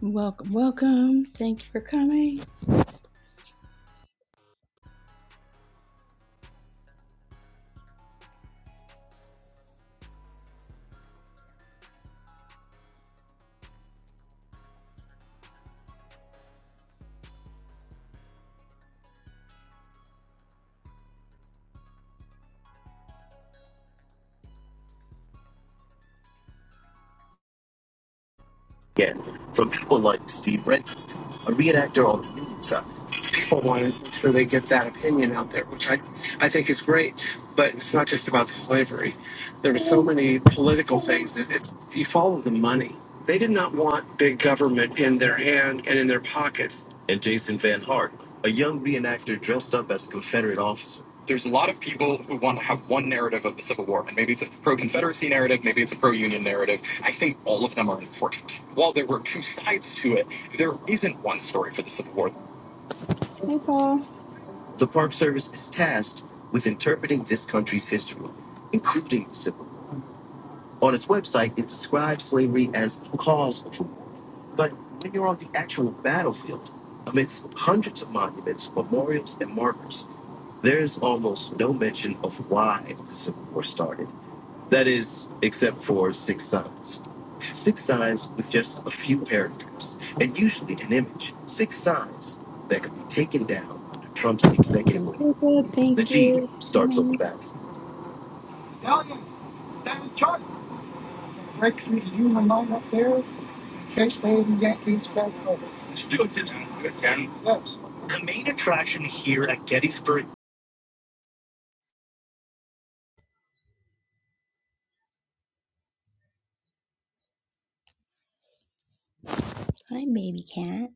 Welcome, welcome. Thank you for coming. again from people like Steve Renton, a reenactor on the news people want to make sure they get that opinion out there, which I, I think is great. But it's not just about slavery. There were so many political things. That it's you follow the money. They did not want big government in their hand and in their pockets. And Jason Van Hart, a young reenactor dressed up as a Confederate officer. There's a lot of people who want to have one narrative of the Civil War, and maybe it's a pro-Confederacy narrative, maybe it's a pro-Union narrative. I think all of them are important. While there were two sides to it, there isn't one story for the Civil War. Hey, Paul. The Park Service is tasked with interpreting this country's history, including the Civil War. On its website, it describes slavery as the cause of the war. But when you're on the actual battlefield, amidst hundreds of monuments, memorials, and markers, there is almost no mention of why the Civil War started. That is, except for six signs. Six signs with just a few paragraphs, and usually an image. Six signs that could be taken down under Trump's executive Thank order you. Jacob. the Thank Jeep you for starts over coming. back. Tell you, that chart break through the human line up there, chase the Yankees back over. Yes. Here at Gettysburg, Hi, baby cat.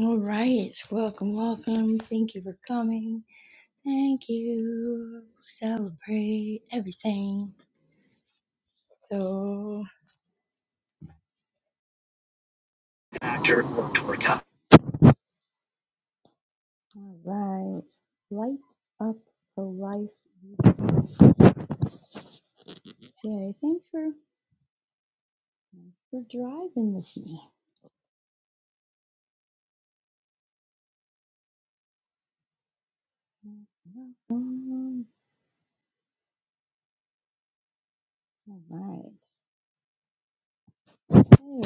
All right. Welcome, welcome. Thank you for coming. Thank you. Celebrate everything. So, an actor or tour guide. all right. Light up the life. Yay. Thanks for, for driving with me. Welcome. All right.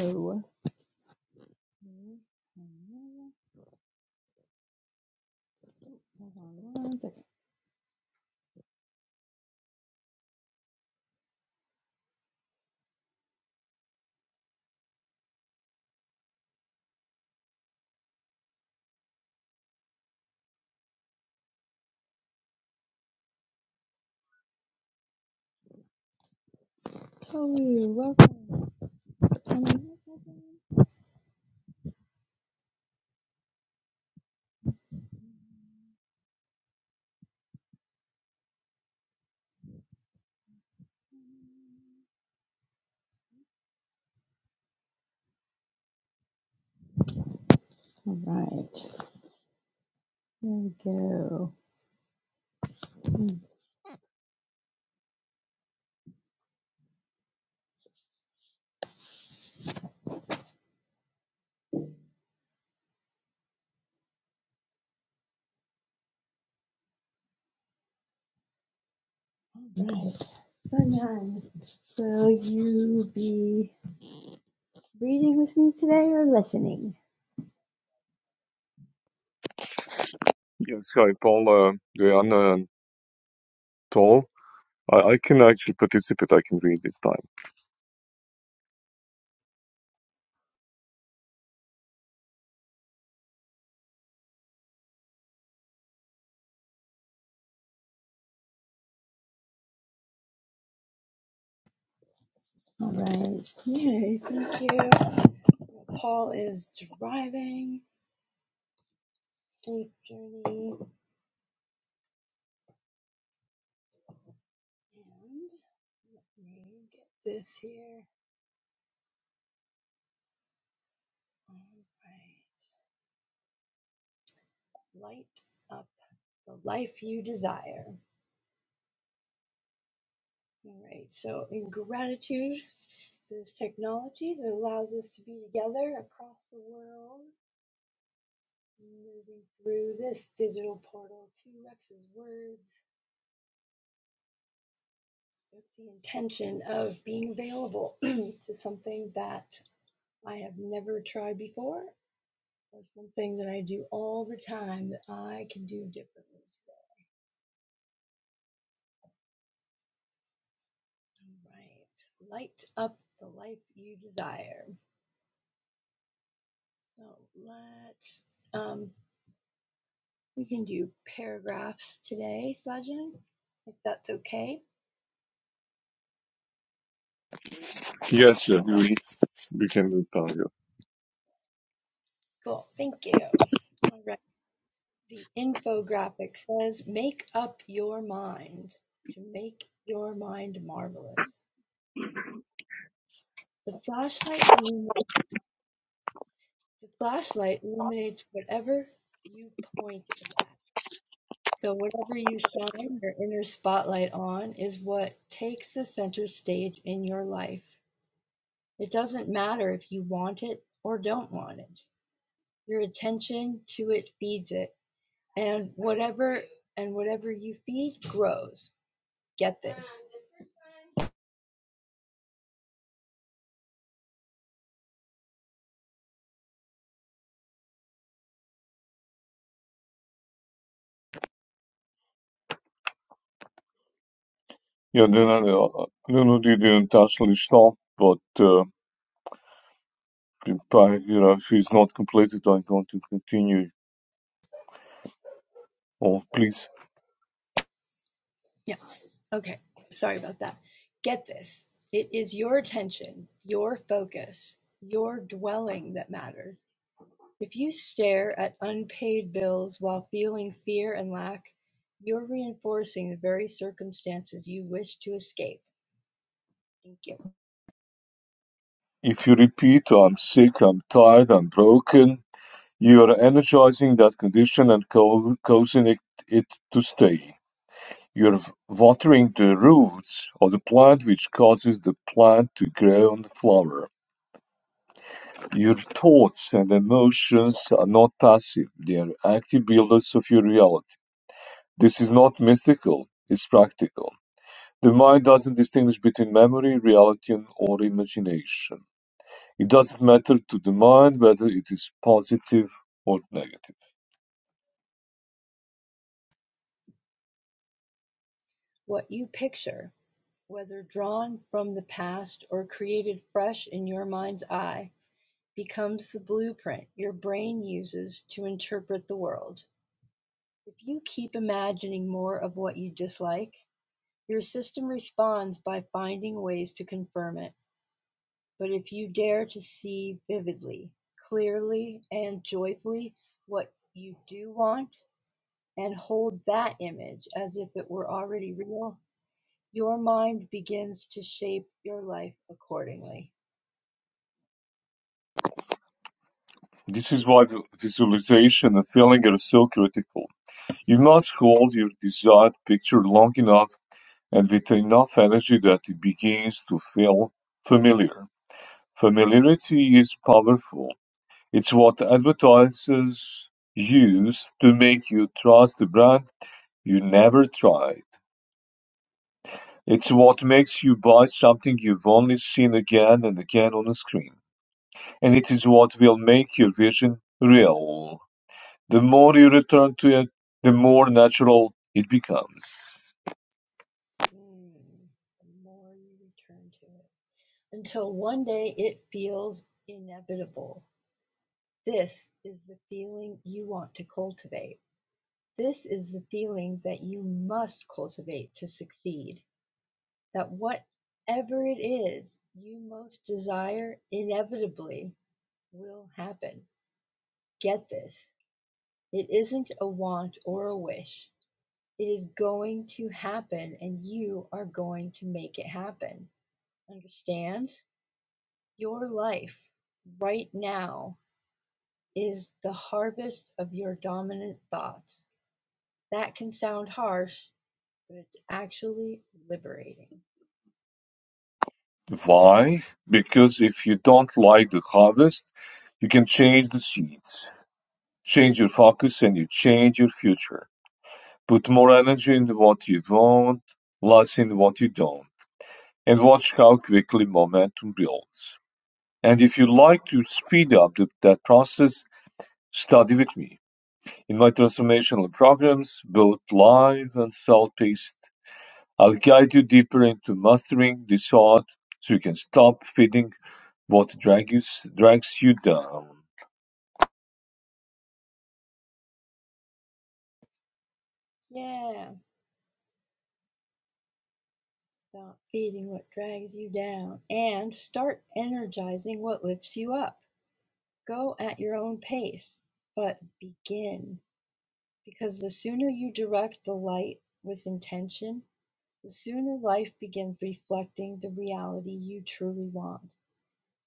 So, hold on one second. Oh, you're welcome. Um, All right, there we go. All right, Sunshine. Will you be reading with me today or listening? Yes, hi, Paul, uh, Guyan, and Tol. I, I can actually participate. I can read this time. All right. Yay, thank you. Paul is driving. Safe journey. And let me get this here. All right. Light up the life you desire. All right, so in gratitude for this technology that allows us to be together across the world, moving through this digital portal to Rex's words with the intention of being available to something that I have never tried before or something that I do all the time that I can do differently. today. All right, light up the life you desire. So let's um, We can do paragraphs today, Sajid, if that's okay. Yes, yeah, you read. We can read time. Yeah, Cool. Thank you. All right. The infographic says, Make up your mind to make your mind marvelous. The flashlight, illumi- the flashlight illuminates whatever you point it at. So, whatever you shine your inner spotlight on is what takes the center stage in your life. It doesn't matter if you want it or don't want it. Your attention to it feeds it, and whatever and whatever you feed grows. Get this. yeah then I, uh, I don't know the, the intentional is but uh, the pa- you know, if it's not completed, I'm going to continue. Oh, please. Yeah. Okay. Sorry about that. Get this. It is your attention, your focus, your dwelling that matters. If you stare at unpaid bills while feeling fear and lack, you're reinforcing the very circumstances you wish to escape. Thank you. If you repeat, I'm sick, I'm tired, I'm broken, you are energizing that condition and co- causing it, it to stay. You're watering the roots of the plant which causes the plant to grow and flower. Your thoughts and emotions are not passive, they are active builders of your reality. This is not mystical, it's practical. The mind doesn't distinguish between memory, reality, and- or imagination. It doesn't matter to the mind whether it is positive or negative. What you picture whether drawn from the past or created fresh in your mind's eye, becomes the blueprint your brain uses to interpret the world. If you keep imagining more of what you dislike, your system responds by finding ways to confirm it. But if you dare to see vividly, clearly, and joyfully what you do want, and hold that image as if it were already real, your mind begins to shape your life accordingly. This is why visualization and feeling are so critical. You must hold your desired picture long enough And with enough energy that it begins to feel familiar. Familiarity is powerful. It's what advertisers use to make you trust the brand you never tried. It's what makes you buy something you've only seen again and again on a screen. And it is what will make your vision real. The more you return to it, the more natural it becomes. Mm, the more you return to it. Until one day it feels inevitable. This is the feeling you want to cultivate. This is the feeling that you must cultivate to succeed. That whatever it is you most desire inevitably will happen. Get this. It isn't a want or a wish. It is going to happen and you are going to make it happen. Understand? Your life, right now, is the harvest of your dominant thoughts. That can sound harsh, but it's actually liberating. Why? Because if you don't like the harvest, you can change the seeds, change your focus, and you change your future. Put more energy into what you want, less in what you don't, and watch how quickly momentum builds. And if you like to speed up the, that process, study with me. In my transformational programs, both live and self-paced, I'll guide you deeper into mastering this art so you can stop feeding What drags drags you down, Yeah, stop feeding what drags you down and start energizing what lifts you up. Go at your own pace, but begin. Because the sooner you direct the light with intention, the sooner life begins reflecting the reality you truly want.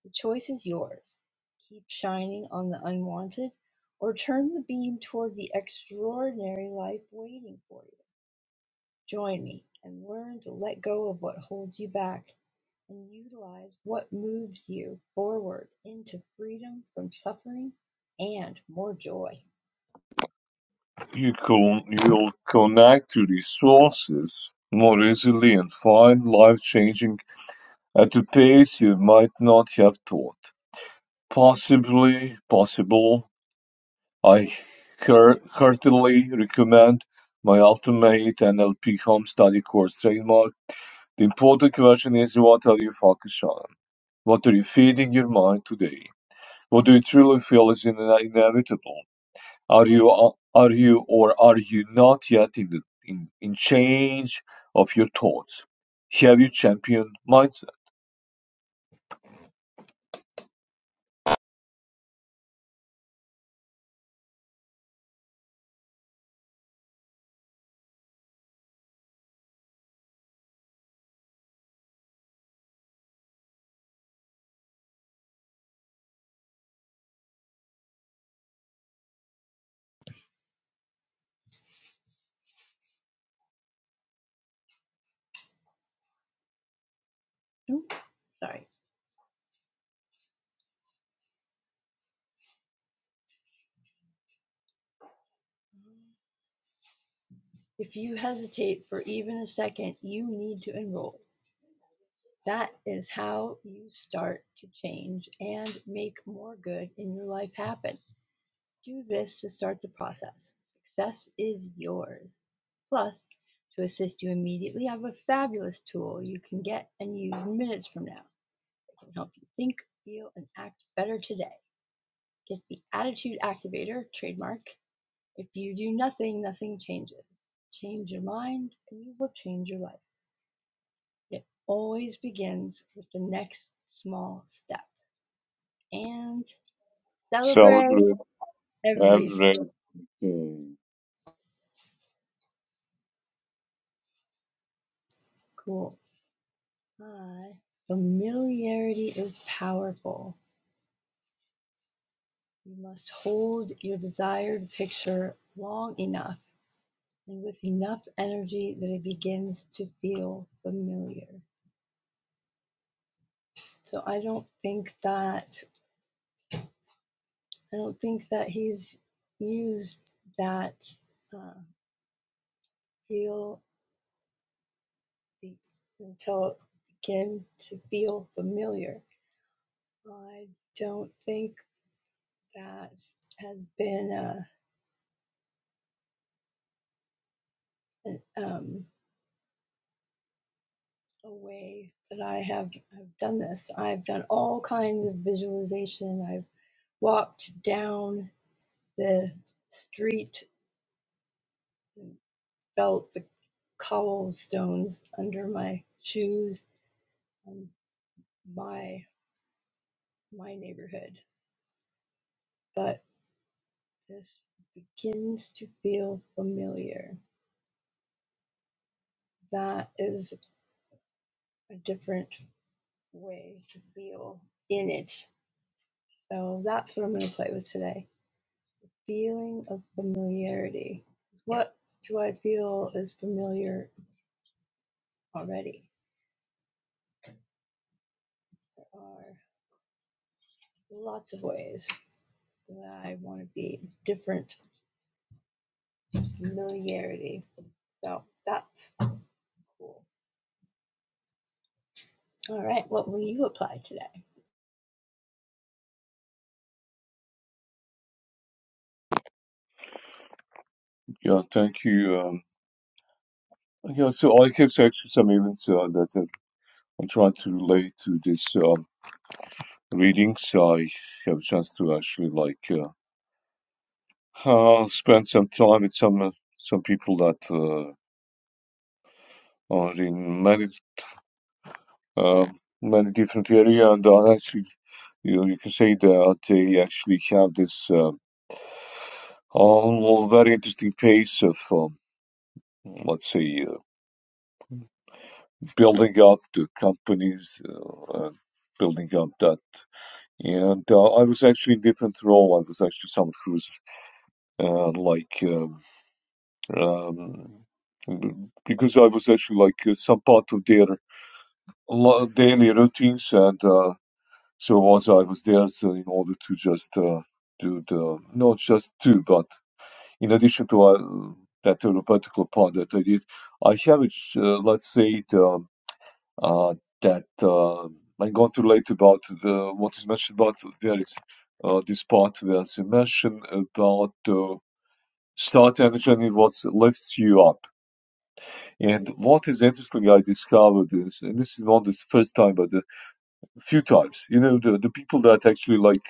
The choice is yours: keep shining on the unwanted or turn the beam toward the extraordinary life waiting for you. Join me and learn to let go of what holds you back and utilize what moves you forward into freedom from suffering and more joy. you con- you'll connect to resources more easily and find life changing at a pace you might not have thought. Possibly possible. I hear- heartily recommend my ultimate NLP home study course trademark. The important question is what are you focused on? What are you feeding your mind today? What do you truly feel is in- inevitable? Are you are you or are you not yet in the, in in change of your thoughts? Have you champion mindset? Oop, Sorry. If you hesitate for even a second, you need to enroll. That is how you start to change and make more good in your life happen. Do this to start the process. Success is yours. Plus, to assist you immediately, I have a fabulous tool you can get and use minutes from now that can help you think, feel, and act better today. Get the Attitude Activator trademark. If you do nothing, nothing changes. Change your mind, and you will change your life. It always begins with the next small step. And celebrate Celebrate everything. everything. Cool. five. Familiarity is powerful. You must hold your desired picture long enough and with enough energy that it begins to feel familiar. So I don't think that I don't think that he's used that uh, feel be, until it begin to feel familiar. I don't think that has been a, an, um, a way that I have I've done this. I've done all kinds of visualization. I've walked down the street and felt the cobblestones under my shoes on my my neighborhood. But this begins to feel familiar. That is a different way to feel in it. So that's what I'm going to play with today. feeling of familiarity. What do I feel is familiar already? There are lots of ways that I want to be different familiarity. So that's cool. All right, what will you apply today? Yeah, thank you. Um, yeah, so I have actually some events uh, that are, I'm trying to relate to this um, readings. I have a chance to actually like uh, uh, spend some time with some uh, some people that uh, are in many uh, many different area and I actually You, you can say that they actually have this uh, all very interesting pace of, um, let's say, uh, building up the companies, uh, and building up that. And uh, I was actually in a different role. I was actually someone who's uh, like um, um, because I was actually like uh, some part of their daily routines, and uh, so was I was there so in order to just uh, do the not just do but in addition to uh, that therapeutic part that I did, I have, it, uh, let's say, it, um, uh, that uh, I'm going to relate about the what is mentioned about there is uh, this part where it's mentioned about uh, start energy and what lifts you up. And what is interesting, I discovered is, and this is not the first time, but a few times, you know, the, the people that actually like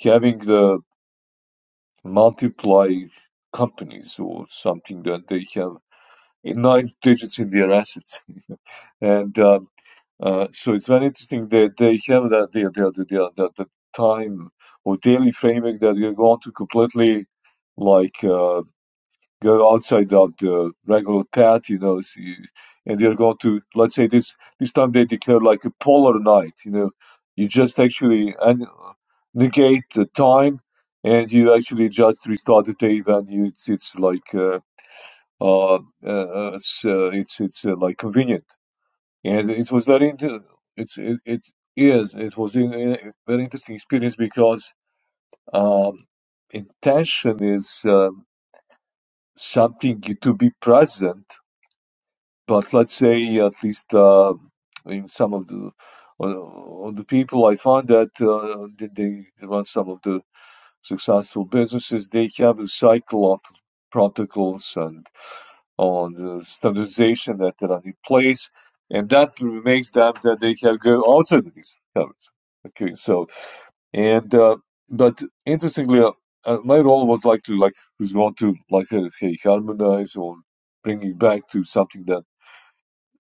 having the multiply companies or something that they have nine digits in their assets. And um, uh, so it's very interesting that they have that the the the, the, the, time or daily framework that you're going to completely like uh, go outside of the regular path, you know. So you, and they're going to let's say this this time they declare like a polar night, you know. You just actually and negate the time, and you actually just restart the day when you it's, it's like. uh, uh, uh, uh, it's uh, it's it's uh, like convenient, and it was very inter- it's it, it is it was in, a very interesting experience because um, intention is um something to be present, but let's say at least uh, in some of the uh, of the people I found that uh, they, they run some of the successful businesses they have a cycle of protocols and. on the standardization that are in place, and that makes them that they can go outside of these habits. Okay, so and uh, but interestingly, uh, uh, my role was likely like was going to like uh, hey, harmonize or bring it back to something that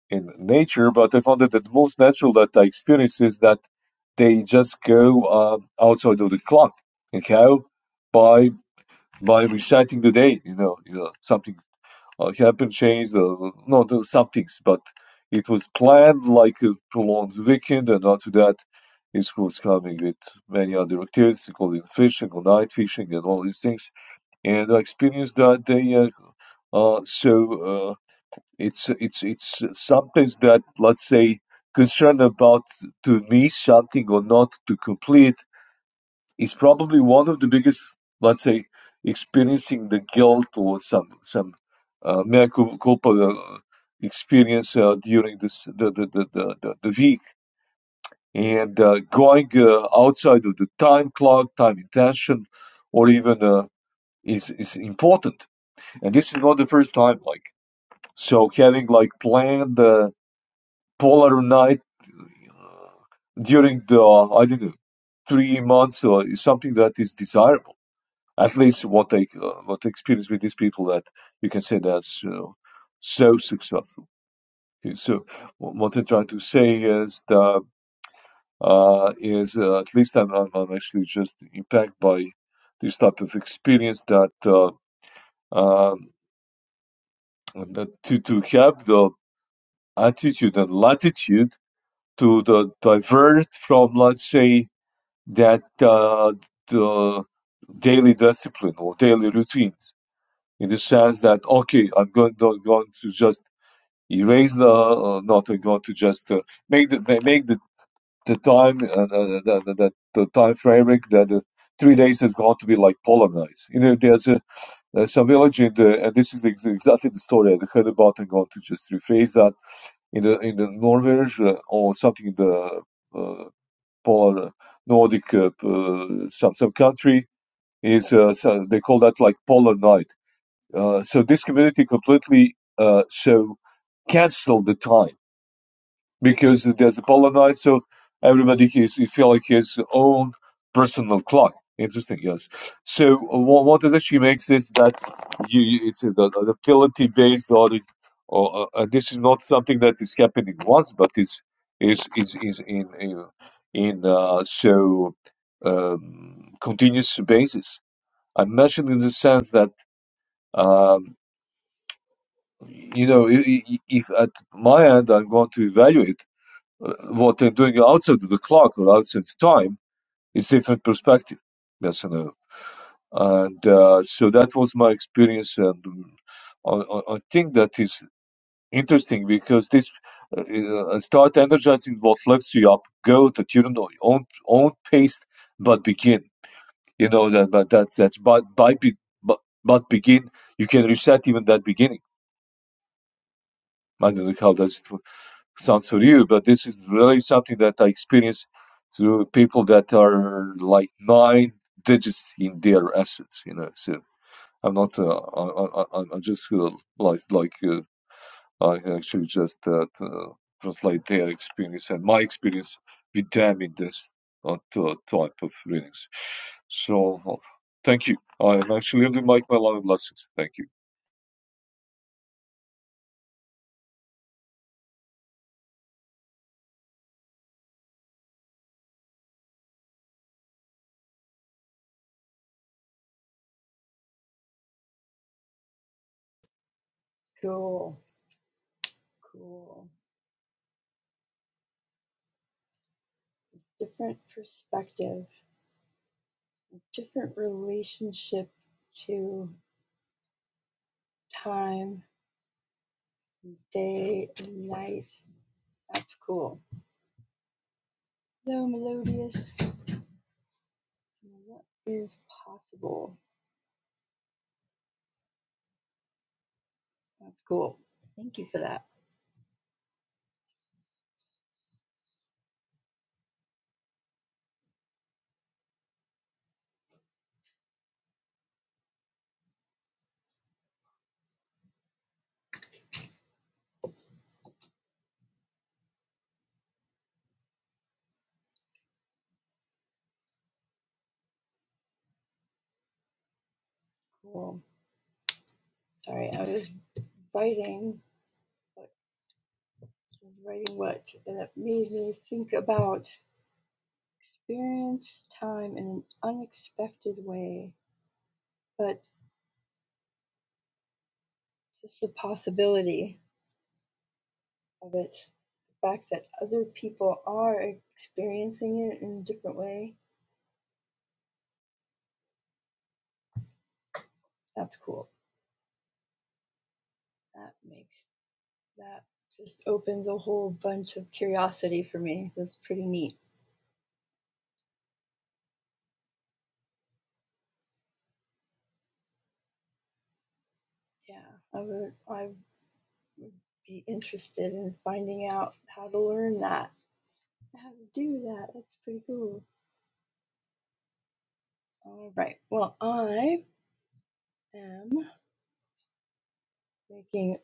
in nature. But I found that the most natural that I experience is that they just go uh, outside of the clock. And how by by reciting the day, you know, you know something I haven't changed uh, not uh, some things, but it was planned like a prolonged weekend, and after that, it was coming with many other activities, including fishing or night fishing and all these things. And I experienced that day. Uh, uh, so uh, it's it's it's something that let's say concern about to miss something or not to complete is probably one of the biggest, let's say, experiencing the guilt or some some uh, mea cul- culpa uh, experience uh, during this the the, the, the, the, the week and uh, going uh, outside of the time clock, time intention, or even uh, is is important. And this is not the first time. Like so, having like planned the polar night uh, during the I don't know three months uh, is something that is desirable At least what they uh, what I experience with these people that you can say that's uh, so successful. Okay, So wh- what I try to say is that uh, is uh, at least I'm, I'm I'm actually just impacted by this type of experience that uh, um, that to to have the attitude and latitude to the divert from let's say that uh, the daily discipline or daily routine in the sense that okay, I'm going not going to just erase the, uh, not I'm going to just uh, make the make the the time uh, uh, uh, the, the, the time framework that uh, three days is going to be like polarized. You know, there's a there's some village in the and this is exactly the story I heard about. I'm going to just rephrase that in the in the Norwich uh, or something in the uh, polar Nordic uh, uh, some some country is uh, so they call that like polar night uh, so this community completely uh, so canceled the time because there's a polar night, so everybody has he feel like his own personal clock. Interesting, yes. So uh, what, what it actually makes is that you, you it's an adaptability based audit, or uh, uh, this is not something that is happening once, but it's is is is in in, in uh, so um, continuous basis. I mentioned in the sense that. Um, you know, i- i- if at my end I'm going to evaluate uh, what I'm doing outside of the clock or outside of time, it's different perspective. Yes and no. And uh, so that was my experience, and um, I, I I think that is interesting because this uh, uh, start energizing what lifts you up. Go that you don't know own own pace, but begin. You know that, that that's that's but by be, but, but begin. You can reset even that beginning. I don't know how does it work. sounds for you, but this is really something that I experience through people that are like nine digits in their assets, you know. So I'm not, uh, I, I, I just feel like, like uh, I actually just uh, uh, translate their experience and my experience with them in this uh, t- type of readings. So uh, thank you. I'm actually really like my love lessons. Thank you. Cool, cool. Different perspective, different relationship to time, day, night. That's cool. Hello, Melodious. What is possible? That's cool. Thank you for that. Cool. Sorry, I was writing. but I was writing what, and it made me think about experience time in an unexpected way, but just the possibility of it, the fact that other people are experiencing it in a different way. That's cool. That makes that just opens a whole bunch of curiosity for me. That's pretty neat. Yeah, I would. I. be interested in finding out how to learn that, how to do that. That's pretty cool. All right. Well, I am making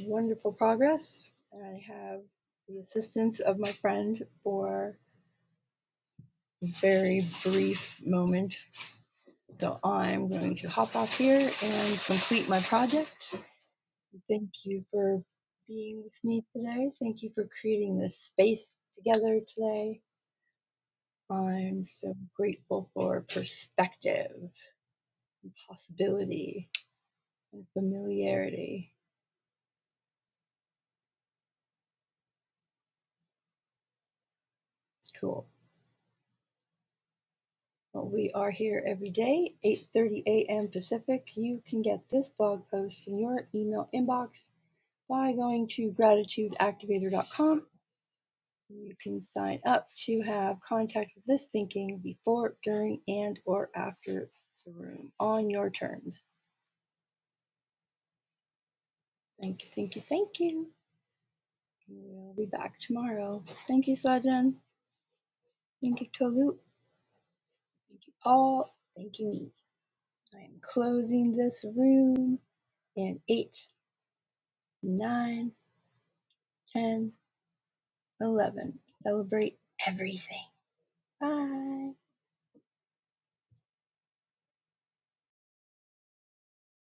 wonderful progress. and I have the assistance of my friend for a very brief moment. So I'm going to hop off here and complete my project. Thank you for being with me today. Thank you for creating this space together today. I'm so grateful for perspective. possibility and familiarity. Cool. Well, we are here every day, 8:30 a.m. Pacific. You can get this blog post in your email inbox by going to gratitudeactivator.com. You can sign up to have contact with this thinking before, during, and or after the room on your terms. Thank you, thank you, thank you. We'll be back tomorrow. Thank you, Sajan. Thank you, Tolu. Thank you, Paul. Thank you, me. I'm closing this room in eight, nine, ten, eleven. Celebrate everything. Bye.